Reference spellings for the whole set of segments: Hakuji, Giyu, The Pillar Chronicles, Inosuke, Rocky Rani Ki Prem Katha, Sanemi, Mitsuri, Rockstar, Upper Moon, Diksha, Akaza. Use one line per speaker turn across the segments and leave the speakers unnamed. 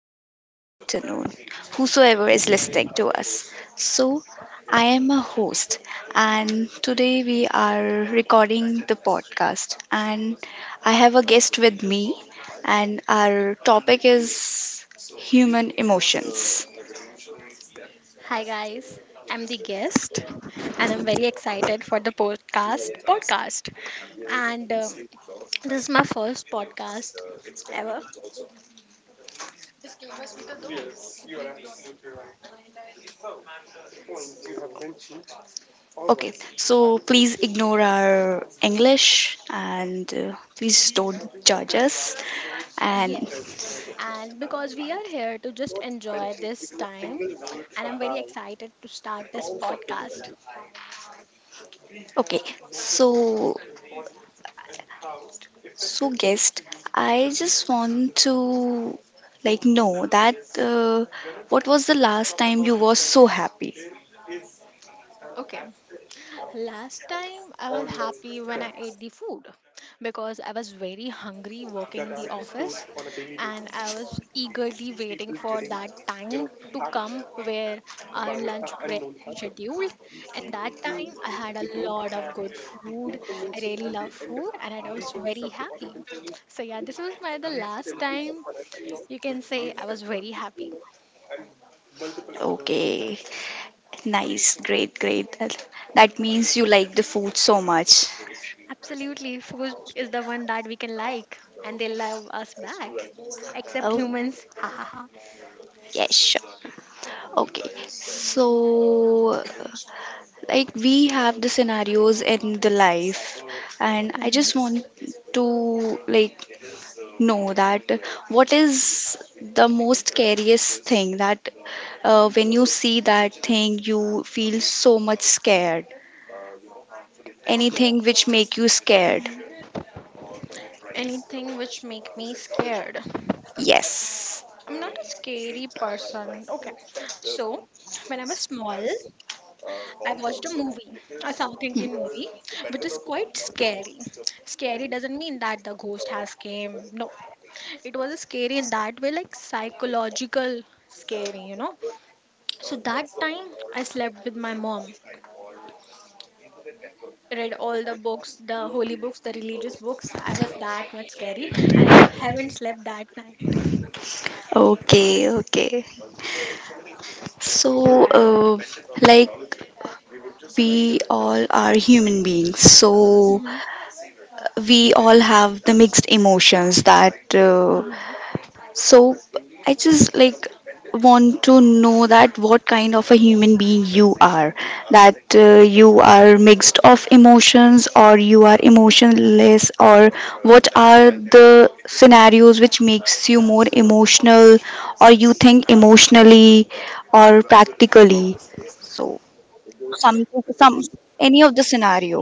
good evening, good afternoon, whosoever is listening to us. So, I am a host, and today we are recording the podcast. And I have a guest with me, and our topic is human emotions.
Hi guys, I'm the guest and I'm very excited for the podcast. And This is my first podcast ever.
Okay, so please ignore our English and please don't judge us. And
Yes. And because we are here to just enjoy this time and I'm very excited to start this podcast.
okay, so So, guest, I just want to like know that what was the last time you were so happy?
Okay. Last time I was happy when I ate the food because I was very hungry working in the office and I was eagerly waiting for that time to come where our lunch break is scheduled, and that time I had a lot of good food. I really love food and I was very happy. So yeah, this was my the last time you can say I was very happy.
Okay, nice, great, great. That means you like the food so much.
Absolutely, food is the one that we can like, and they love us back, except
Oh,
humans. Ha ha ha.
yes, sure. Okay, so like we have the scenarios in the life, and I just
Hmm.
want to like. No, that, what is the most scariest thing that when you see that thing, you feel so much scared?
Okay.
Anything which make you scared.
Mhm. Anything which make me scared.
Yes.
I'm not a scary person. Okay. So when I was small, I watched a movie, a South Indian movie, which is quite scary. Scary doesn't mean that the ghost has came. No. It was a scary in that way, like psychological scary, you know. So that time I slept with my mom. Read all the books, the holy books, the religious books. I was that much scary and I haven't slept that night.
Okay, okay. So, like we all are human beings, so
Hmm.
we all have the mixed emotions that uh,
Hmm.
So I just like want to know that what kind of a human being you are, that you are mixed of emotions or you are emotionless, or what are the scenarios which makes you more emotional or you think emotionally or practically. So some some any of the scenario.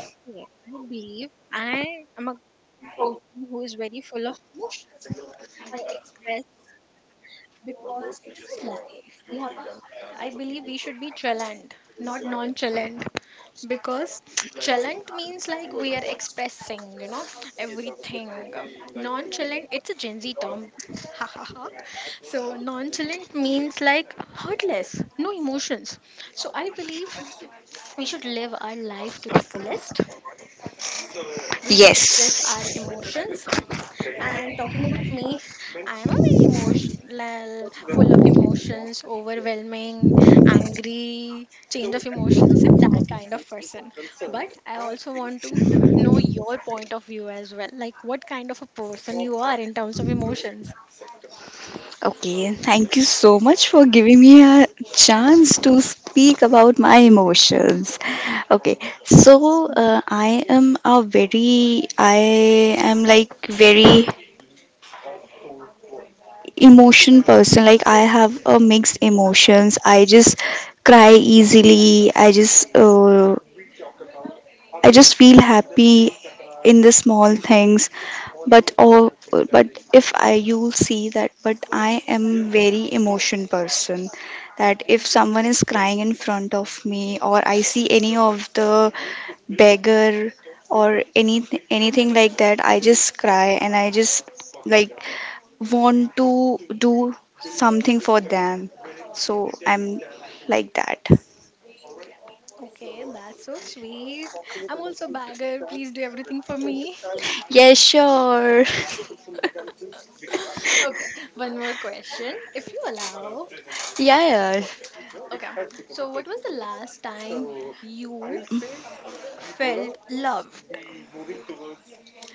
Okay, I believe I am a person who is very full of emotion. I express because I relax. I believe we should be chalant, not nonchalant, because chalant means like we are expressing, you know, everything. Nonchalant, it's a Gen Z term. Ha ha ha. So nonchalant means like heartless, no emotions. So I believe we should live our life to the fullest. We should express
Yes.
our emotions, and talking about me, I am a very emotional, full of emotions, overwhelming, angry, change of emotions. I'm that kind of person. But I also want to know your point of view as well. Like, what kind of a person you are in terms of emotions.
Okay, thank you so much for giving me a chance to speak about my emotions. Okay, so I am a very, I am like very emotion person. Like I have a mixed emotions. I just cry easily. I just feel happy in the small things. But all, but if I, you'll see that, but I am very emotion person. That if someone is crying in front of me, or I see any of the beggar or anything like that, I just cry and I just like want to do something for them. So I'm like that.
Okay, that's so sweet. I'm also a bagger. Please do everything for me.
Yeah, sure.
Okay, one more question, if you allow.
Yeah, yeah.
Okay, so what was the last time you felt love?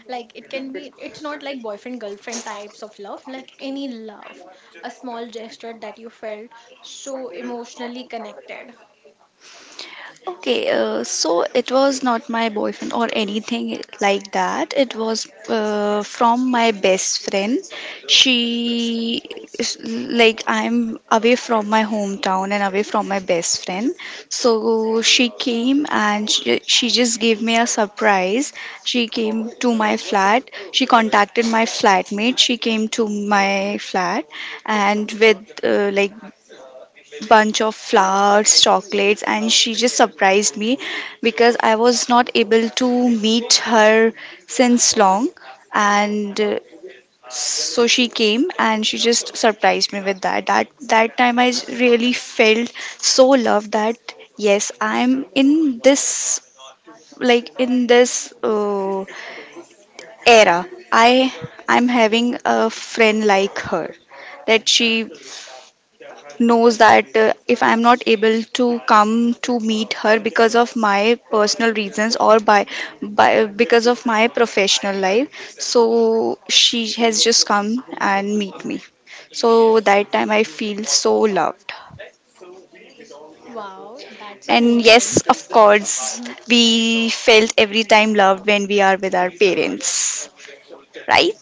Like, it can be, it's not like boyfriend girlfriend types of love, like any love, a small gesture that you felt so emotionally connected.
Okay, so it was not my boyfriend or anything like that. It was from my best friend. She, like, I'm away from my hometown and away from my best friend. So she came and she just gave me a surprise. She came to my flat. She contacted my flatmate. She came to my flat and with, like, bunch of flowers, chocolates, and she just surprised me because I was not able to meet her since long. And so she came and she just surprised me with that. That time I really felt so loved, that yes, I'm in this, like in this era. I'm having a friend like her, that she knows that if I'm not able to come to meet her because of my personal reasons or by because of my professional life, so she has just come and meet me. So that time I feel so loved.
Wow, that's
And
amazing.
yes, of course, we felt every time loved when we are with our parents, right?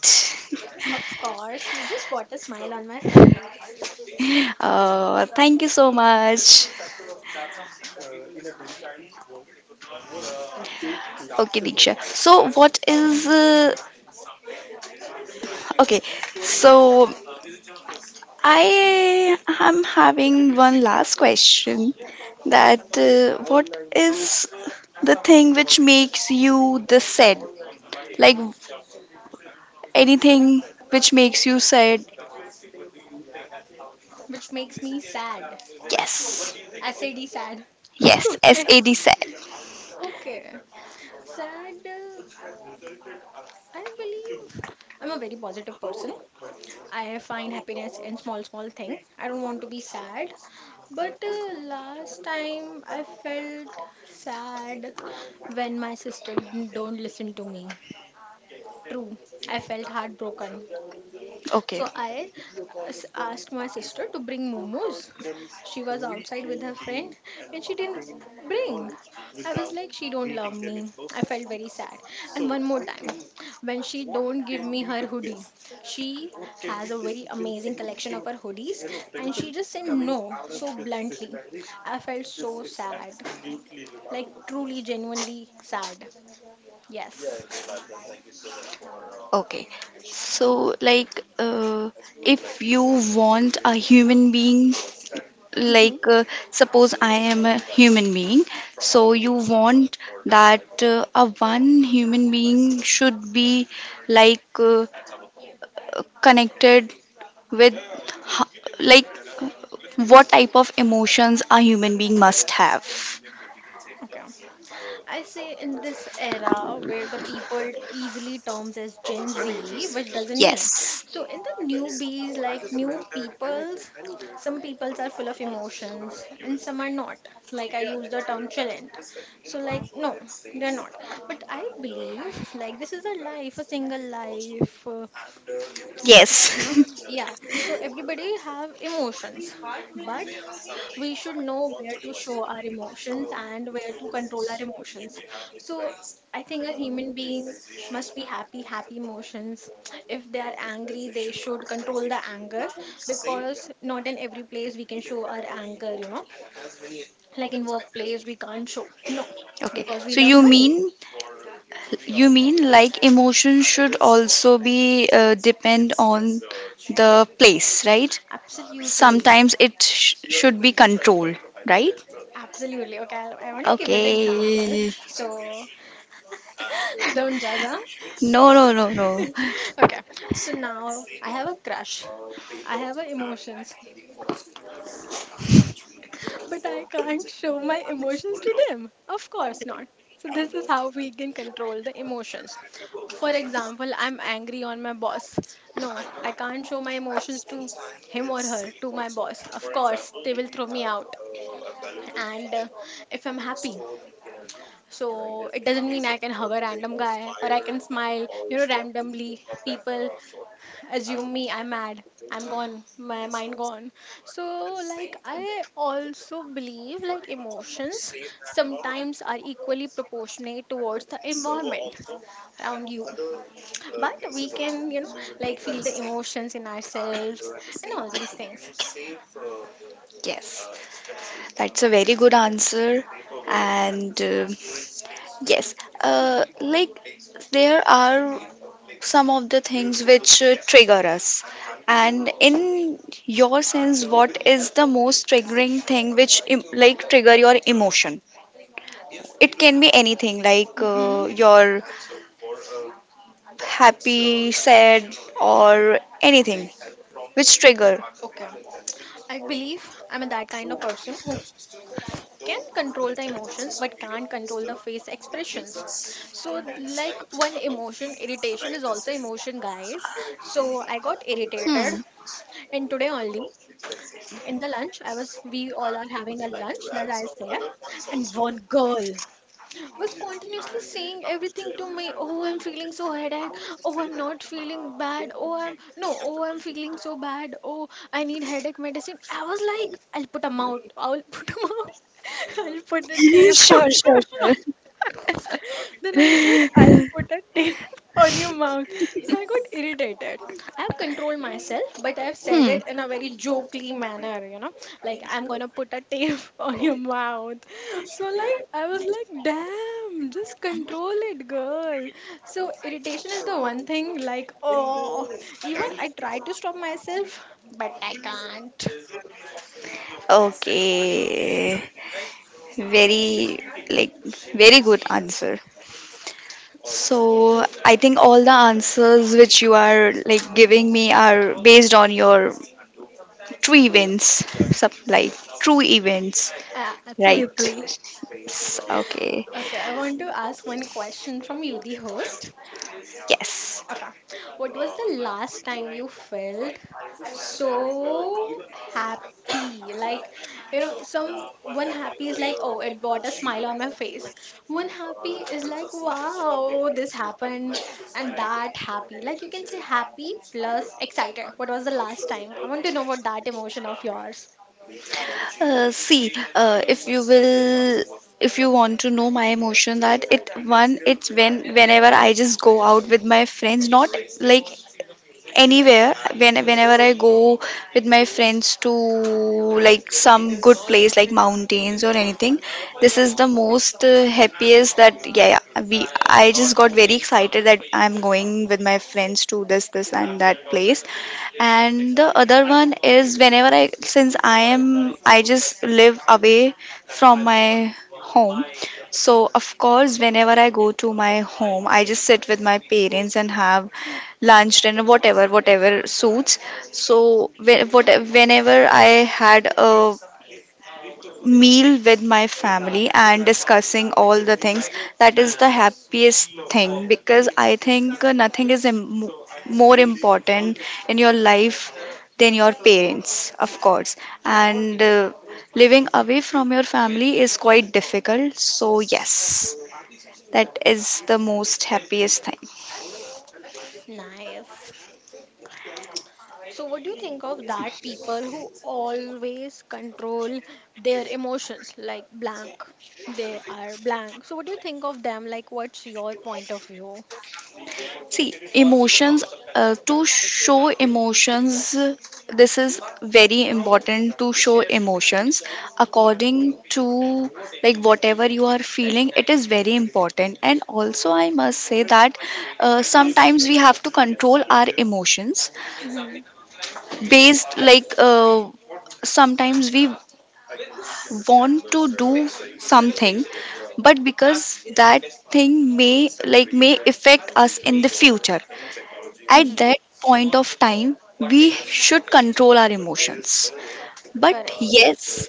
Of course, you just brought a smile on my face.
thank you so much. Okay, Diksha. So, what is. Okay, so I am having one last question that what is the thing which makes you the sad? Like anything which makes you sad?
Which makes me sad.
Yes.
I said he sad.
Yes,
Okay.
SAD sad.
Okay, sad. I believe I'm a very positive person. I find happiness in small, small thing. I don't want to be sad. But last time I felt sad when my sister don't listen to me. True, I felt heartbroken.
Okay.
So I asked my sister to bring momos. She was outside with her friend and she didn't bring. I was like, she don't love me. I felt very sad. And one more time, when she don't give me her hoodie, she has a very amazing collection of her hoodies and she just said no so bluntly. I felt so sad, like truly, genuinely sad. Yes.
Okay. So like if you want a human being,
Mm.
like suppose I am a human being, so you want that a one human being should be like connected with ho- like what type of emotions a human being must have.
Okay. I say in this era where the people easily terms as Gen Z, which doesn't mean.
Yes.
So in the newbies, like new peoples, some peoples are full of emotions and some are not. Like I use the term challenge. So like no, they're not. But I believe like this is a life, a single life. You know.
Yes.
Yeah, so everybody have emotions, but we should know where to show our emotions and where to control our emotions. So I think a human being must be happy emotions. If they are angry, they should control the anger, because not in every place we can show our anger, you know, like in workplace we can't show, no.
Okay,
Because we
so
love
you
money.
mean you mean like emotion should also be depend on the place, right?
Absolutely.
Sometimes it should be controlled, right?
Absolutely. Okay, I want to give you the example.
Okay.
So, don't judge, huh?
No, no, no, no.
Okay, so now I have a crush. I have a emotions, but I can't show my emotions to them. Of course not. So this is how we can control the emotions. For example, I'm angry on my boss. No, I can't show my emotions to him or her to my boss. Of course, they will throw me out. And if I'm happy, so it doesn't mean I can hug a random guy or I can smile, you know, randomly. People assume me I'm mad, I'm gone, my mind gone. So like I also believe like emotions sometimes are equally proportionate towards the environment around you, but we can, you know, like feel the emotions in ourselves and all these things.
Yes, that's a very good answer. And yes, like there are some of the things which trigger us. And in your sense, what is the most triggering thing which like trigger your emotion? It can be anything like
Mm-hmm.
your happy, sad, or anything. Which trigger?
Okay, I believe I'm that kind of person who can control the emotions but can't control the face expressions. So like one emotion, irritation is also emotion guys. So I got irritated,
Hmm.
and today only in the lunch I was we all are having a lunch that I was there, and one girl was continuously saying everything to me. Oh, I'm feeling so headache. Oh, I'm not feeling bad. Oh, I'm no. Oh, I'm feeling so bad. Oh, I need headache medicine. I was like, I'll put 'em out. I'll put 'em out. I'll put a tape on
Sure,
your
sure,
mouth. Then I said,
sure.
I'll put a tape on your mouth. So I got irritated. I've controlled myself, but I've said
Hmm.
it in a very jokely manner, you know, like I'm gonna put a tape on your mouth. So, like, I was like, damn, just control it, girl. So, irritation is the one thing, like, oh, even I try to stop myself, but I can't.
Okay. Very, like, very good answer. So, I think all the answers which you are like giving me are based on your true events, some, like true events, right?
Absolutely.
Okay.
Okay, I want to ask one question from you, the host.
Yes.
Okay. What was the last time you felt so happy? Like, you know, some one happy is like, oh, it brought a smile on my face. One happy is like, wow, this happened and that happy. Like you can say happy plus excited. What was the last time? I want to know about that emotion of yours.
See, if you will, if you want to know my emotion, that it one, it's when whenever I just go out with my friends, not like anywhere. When whenever I go with my friends to like some good place like mountains or anything, this is the most happiest, that yeah, yeah, we, I just got very excited that I'm going with my friends to this and that place. And the other one is whenever I, since I am, I just live away from my home. So of course whenever I go to my home, I just sit with my parents and have lunch, dinner, whatever suits. So what, whenever I had a meal with my family and discussing all the things, that is the happiest thing, because I think nothing is more important in your life than your parents, of course.
True.
And living away from your family is quite difficult. So yes, that is the most happiest thing.
Nice. So, what do you think of that people who always control their emotions like blank? They are blank. So, what do you think of them? Like, what's your point of view?
See, emotions, to show emotions, this is very important to show emotions according to like whatever you are feeling, it is very important. And also, I must say that sometimes we have to control our emotions
Mm-hmm.
based, like sometimes we want to do something, but because that thing may affect us in the future, at
Mm-hmm.
that point of time, we should control our emotions. But
Correct.
yes,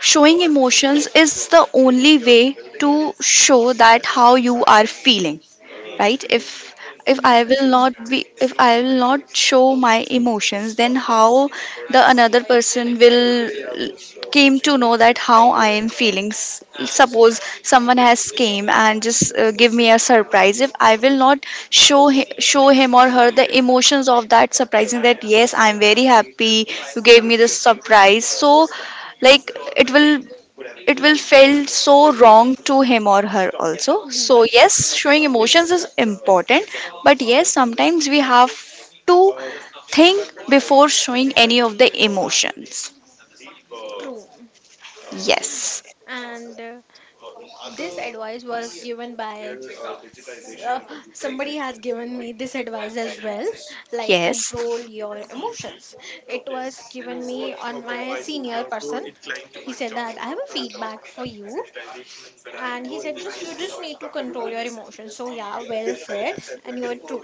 showing emotions is the only way to show that how you are feeling, right? If I
Mm-hmm.
will not be, if I will not show my emotions, then how the another person will came to know that how I am feeling? Suppose someone has came and just give me a surprise. If I will not show him or her the emotions of that surprising, that yes, I am very happy, you gave me this surprise, so like it will it will feel so wrong to him or her also. So
Mm-hmm.
yes, showing emotions is important, but yes, sometimes we have to think before showing any of the emotions.
True.
Yes,
And this advice was given by s- uh, somebody has given me this advice as well, like
yes,
control your emotions. It was given me on my senior person. He said that I have a feedback for you, and he said, just you just need to control your emotions, so yeah, well said, and you're true.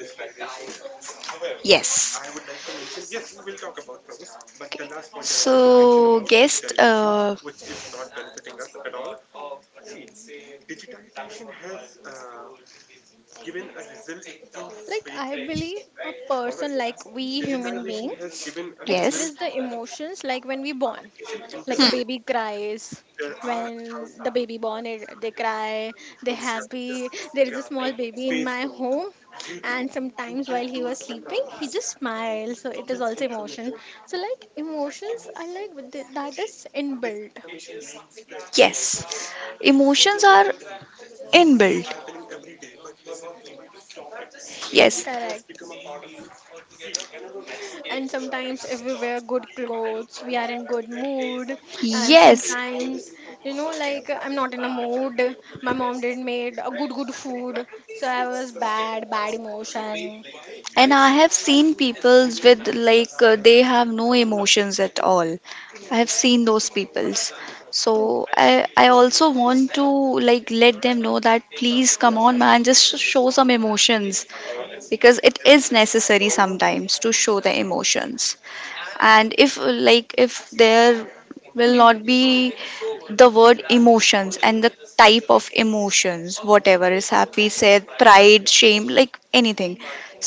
yes. Okay. So guest,
Like I believe a person, like we human being,
yes,
express the emotions like when we born, like a baby cries. When the baby born it, they cry. They happy. There is a small baby in my home, and sometimes while he was sleeping he just smiles, so it is also emotion. So like emotions are like that is inbuilt.
yes. Emotions are inbuilt. Yes,
Correct. And sometimes if we wear good clothes we are in good mood, and
yes.
sometimes, you know, like I'm not in a mood, my mom did made a good good food, so I was bad bad emotion.
And I have seen peoples with like they have no emotions at all. I have seen those peoples.
True.
So I I also want to like let them know that please come on, man, just show some emotions, because it is necessary sometimes to show the emotions. And if, like, if there will
Mm-hmm.
not be the word emotions and the type of emotions, whatever is happy, sad, pride, shame, like anything,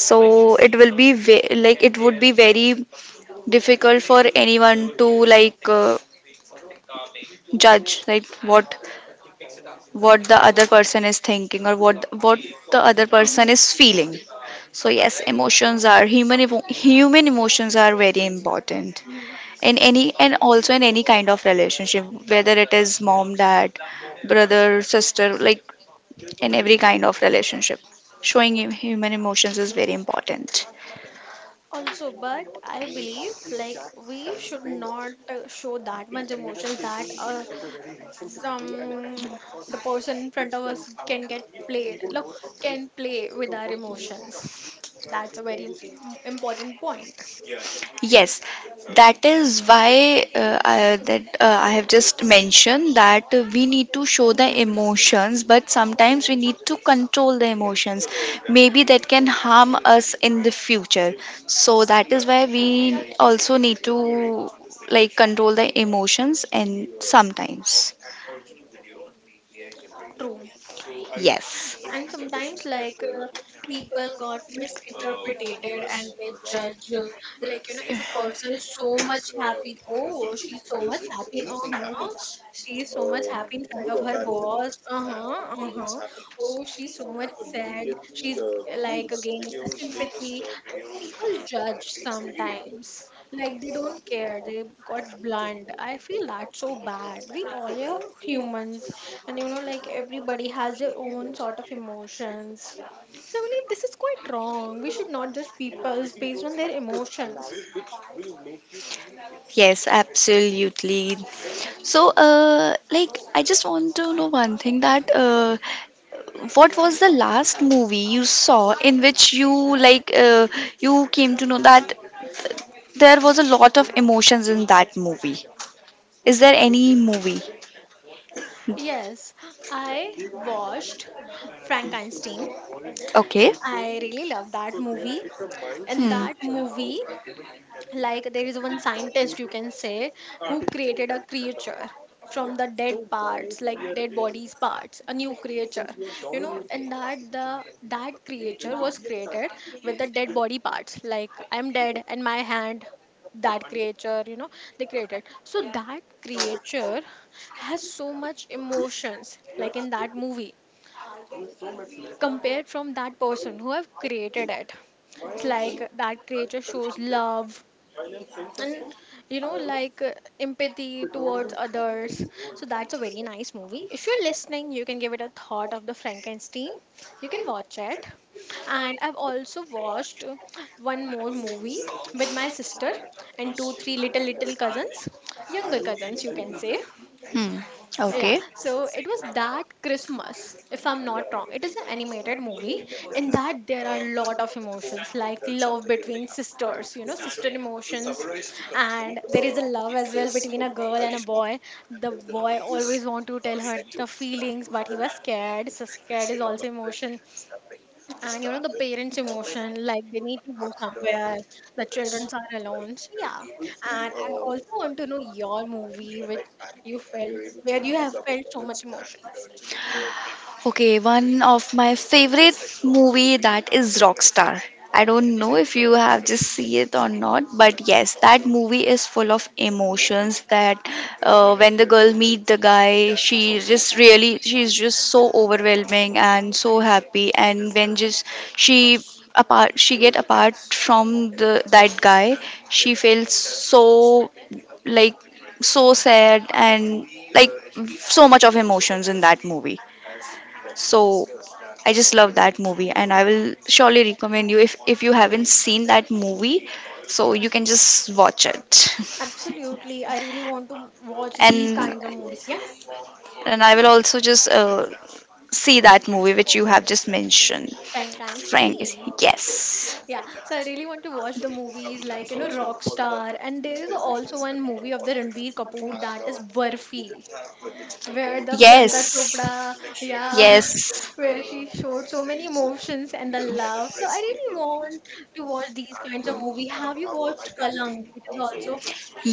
so it will be like it would be very difficult for anyone to like judge like what the other person is thinking or what the other person
Mm-hmm.
is feeling. So yes, emotions are human human emotions are very important
Absolutely.
in any, and also in any kind of relationship, whether it is mom, dad, brother, sister, like in every kind of relationship, showing human emotions is very important.
Also, but I believe like we should not show that much emotions that some the person in front of us can get played, like can play with our emotions. That's a very important point.
Yes, that is why I have just mentioned that we need to show the
Hmm.
emotions, but sometimes we need to control the emotions. Maybe that can harm us in the future. So that is why we also need to like control the emotions, and sometimes.
True.
Yes.
And sometimes like people got misinterpreted and they judge, the person is so much happy, oh she's so much happy, uh-huh, she's so much happy in front of her boss, uh-huh, uh-huh. Oh, she's so much sad. Like again the sympathy. Like people judge sometimes. Like they don't care. They got blunt. I feel that's so bad. We all are humans, and you know, like everybody has their own sort of emotions. So I believe this is quite wrong. We should not judge people based on their emotions.
Yes, absolutely. So, like, I just want to know one thing that what was the last movie you saw in which you like you came to know that there was a lot of emotions in that movie? Is there any movie?
Yes, I watched Frankenstein.
Okay.
I really love that movie. In
Hmm.
that movie, like there is one scientist you can say, who created a creature from the dead parts, like dead bodies parts, a new creature, you know, and that creature was created with the dead body parts, like I'm dead and my hand, that creature, you know, they created. So that creature has so much emotions, like in that movie, compared from that person who have created it. It's like that creature shows love and, you know, like empathy towards others. So that's a very nice movie. If you're listening, you can give it a thought of the Frankenstein. You can watch it. And I've also watched one more movie with my sister and two three little little cousins, younger cousins, you can say.
Hmm.
Yeah,
Okay.
so it was that Christmas, if I'm not wrong. It is an animated movie. In that, there are a lot of emotions like love between sisters, you know, sister emotions. And there is a love as well between a girl and a boy. The boy always want to tell her the feelings, but he was scared. So, scared is also emotion, and you know the parents emotion, like they need to go somewhere, the children are alone, so yeah. And I also want to know your movie which you felt, where you have felt so much emotions.
Okay, one of my favorite movie, that is Rockstar. I don't know if you have just see it or not, but yes, that movie is full of emotions. That when the girl meet the guy, she's just so overwhelming and so happy. And when just she she get apart from the that guy, she feels so, like, so sad and like so much of emotions in that movie. So I just love that movie and I will surely recommend you, if you haven't seen that movie, so you can just watch it.
Absolutely, I really want to watch these
And
kinds of movies, yeah.
and I will also just see that movie which you have just mentioned. Frank is,
Frankenstein.
yes.
Yeah, so I really want to watch the movies like, you know, Rockstar, and there is also one movie of the Ranbir Kapoor, that is Barfi, where the Priyanka
Yes.
Chopra, yeah,
Yes.
where she showed so many emotions and the love. So I really want to watch these kinds of movie. Have you watched Kalang? It is also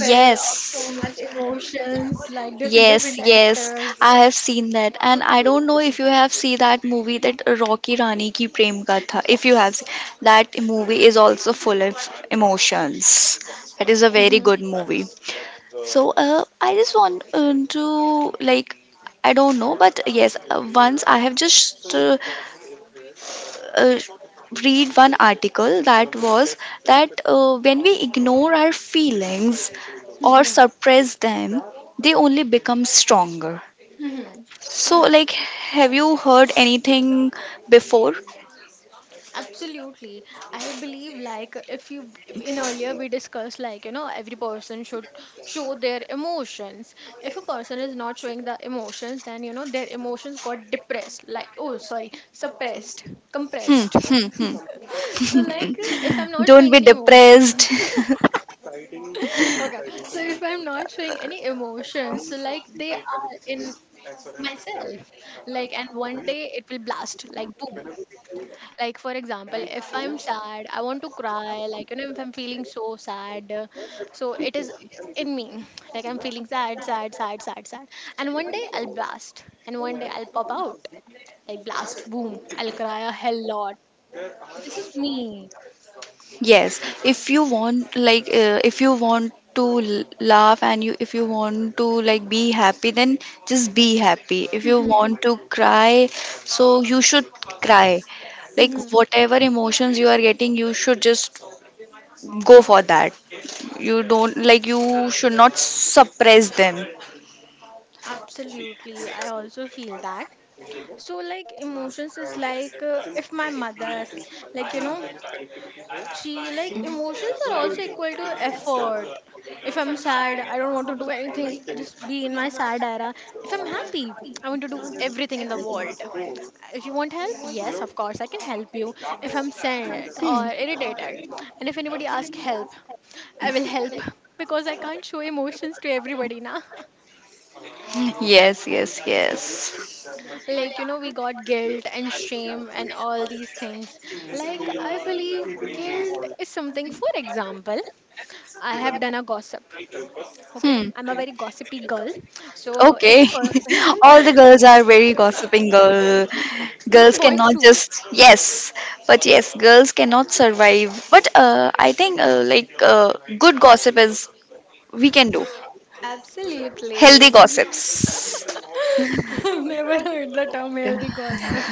full of so much emotions, like different
Yes,
different
yes,
actors.
I have seen that, and I don't know if you have seen that movie, that Rocky Rani Ki Prem Katha. If you have
Yes.
seen, that movie is also full of emotions. That is a very
Mm-hmm.
good movie. So, I just want to like, I don't know, but yes, once I have just uh, read one article that was that when we ignore our feelings or
Mm-hmm.
suppress them, they only become stronger.
Mm-hmm.
So, like, have you heard anything before?
Absolutely. I believe, like, if you, in earlier we discussed, like, you know, every person should show their emotions. If a person is not showing the emotions, then you know their emotions got depressed, like, oh sorry, suppressed,
Hmm,
compressed.
hmm, hmm.
So like, if I'm not
Don't
showing
be
any emotions.
depressed.
Okay, so if I'm not showing any emotions, so like they are in myself, like, and one day it will blast, like boom. Like for example, if I'm sad, I want to cry, like, you know, if I'm feeling so sad, so it is in me. Like, I'm feeling sad and one day I'll blast, and one day I'll pop out, like blast boom, I'll cry a hell lot. This is me.
Yes, if you want, like, if you want to laugh, and you, if you want to, like, be happy, then just be happy. If you
Mhm,
want to cry, so you should cry. Like,
mhm.
whatever emotions you are getting, you should just go for that. You don't, like, you should not suppress them.
Absolutely, I also feel that. So, like, emotions is like, if my mother, like, you know, she, like, emotions are also equal to effort. If I'm sad, I don't want to do anything, I just be in my sad era. If I'm happy, I want to do everything in the world. If you want help, yes of course I can help you. If I'm sad or irritated and if anybody asks help, I will help, because I can't show emotions to everybody now.
Yes, yes, yes.
Like, you know, we got guilt and shame and all these things. Like, I believe guilt is something, for example, I have done a gossip. Okay,
Hmm.
I'm a very gossipy girl. So if
Okay.
a person…
All the girls are very gossiping girl.
Even
Girls
boys
cannot
too.
just, yes, but yes, girls cannot survive. But I think like good gossip is we can do healthy
Absolutely.
gossips.
I've never heard the term
Yeah.
healthy gossip.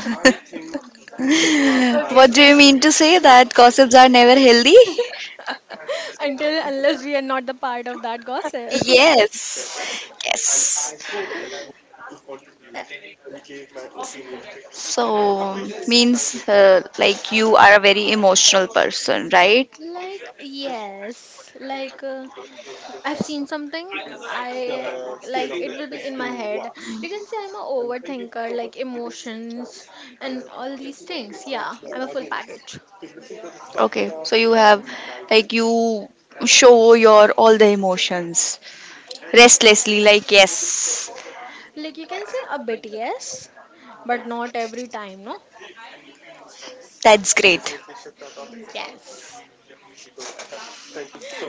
Okay
What do
sir.
you mean to say that gossips are never healthy?
Until unless we are not the part of that gossip.
Yes. Yes.
Uh,
So, means like you are a very emotional person, right?
like yes, like, I've seen something. I, like, it will be in my head. You can say I'm a overthinker, like emotions and all these things. Yeah, I'm a full package.
Okay, so you have, like, you show your all the emotions restlessly, like, yes,
Like you can say a bit, yes, but not every time, no?
that's great.
Yes.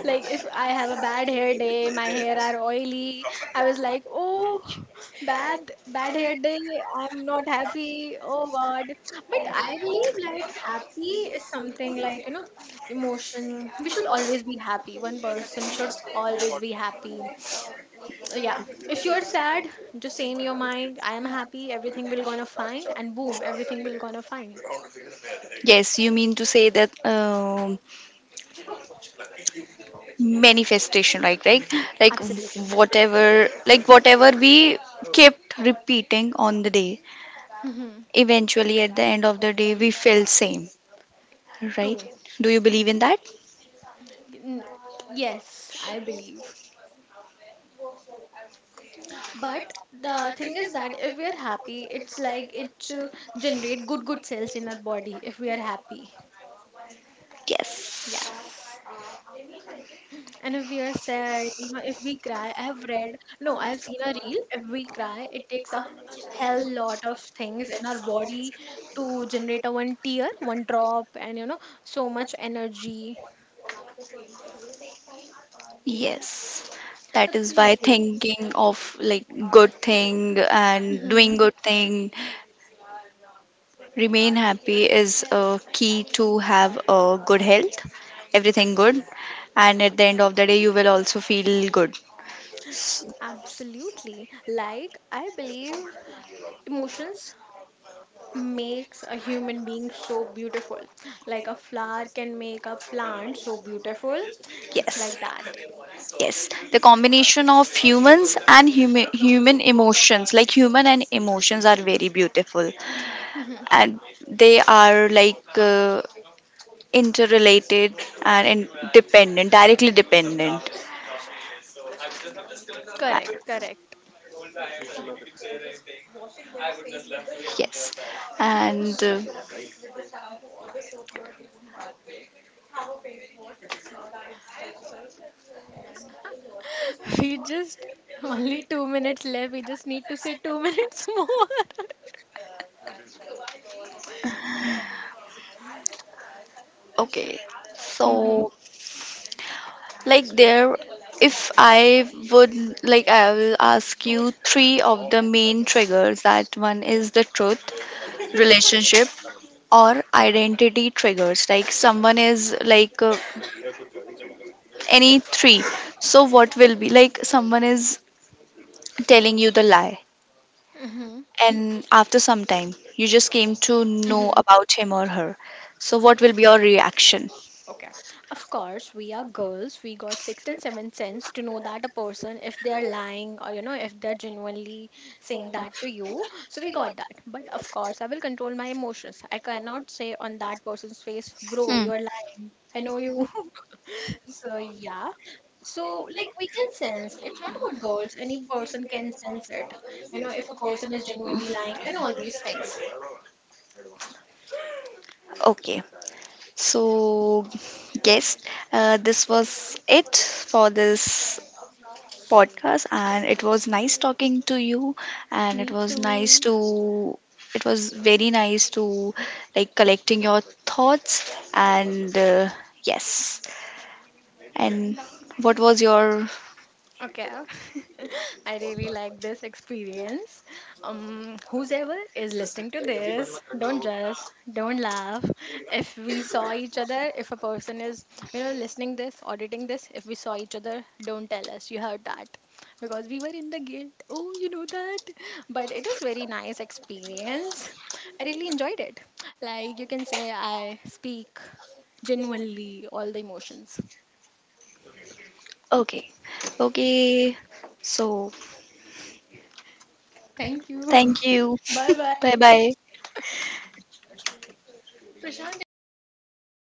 Like, if I have a bad hair day, my hair are oily, I was like, oh, bad bad hair day, I'm not happy, oh god. But I believe like happy is something, like, you know, emotion, we should always be happy, one person should always be happy. Yeah. If you're sad, just say in your mind, I am happy, everything will gonna fine, and boom, everything will gonna fine.
Yes, you mean to say that manifestation, right? Right? Like
Absolutely.
like whatever we kept repeating on the day, eventually at the end of the day we felt same, right?
True.
Do you believe in that?
N- yes, I believe. But the thing is that if we are happy, it's like it to generate good cells in our body, if we are happy.
Yes.
Yes. And if we are sad, you know, if we cry, I have read, no, I have seen a reel. If we cry, it takes a hell lot of things in our body to generate a one tear, one drop, and you know, so much energy.
Yes. That is why
Absolutely.
thinking of like good thing and
Hmm.
doing good thing. Remain happy is a key to have a good health, everything good, and at the end of the day, you will also feel good.
Absolutely. Like, I believe emotions makes a human being so beautiful. Like a flower can make a plant so beautiful. It's
Yes,
like that.
yes. The combination of humans and human emotions, like human and emotions, are very beautiful,
Mhm.
and they are like interrelated and dependent, directly dependent. Uh,
Correct, correct.
yes, and
We just only 2 minutes left. We just need to say 2 minutes more.
okay.
Mm-hmm.
So, like there, if I would like, I will ask you three of the main triggers. That one is the truth, relationship, or identity triggers. Like someone is like any three. So what will be like someone is telling you the lie,
Mm-hmm.
and after some time you just came to know about him or her? So what will be your reaction?
Okay. Of course, we are girls. We got sixth and seventh sense to know that a person, if they are lying or, you know, if they're genuinely saying that to you. So we got that. But of course, I will control my emotions. I cannot say on that person's face, bro,
Hmm.
you're lying. I know you. So yeah. So like we can sense. It's not about girls. Any person can sense it. You know, if a person is genuinely lying and all these things.
Okay. So, yes, this was it for this podcast, and it was nice talking to you, and it
Me
was nice
too.
to it was very nice to, like, collecting your thoughts and yes, and what was your.
Okay, I really like this experience. Whosoever is listening to this, don't judge, don't laugh. If we saw each other, if a person is, you know, listening this, auditing this, if we saw each other, don't tell us you heard that, because we were in the guilt. Oh, you know that, but it was very nice experience. I really enjoyed it. Like you can say, I speak genuinely all the emotions.
Okay, okay. So
Thank you.
thank you.
Bye bye.
Bye bye.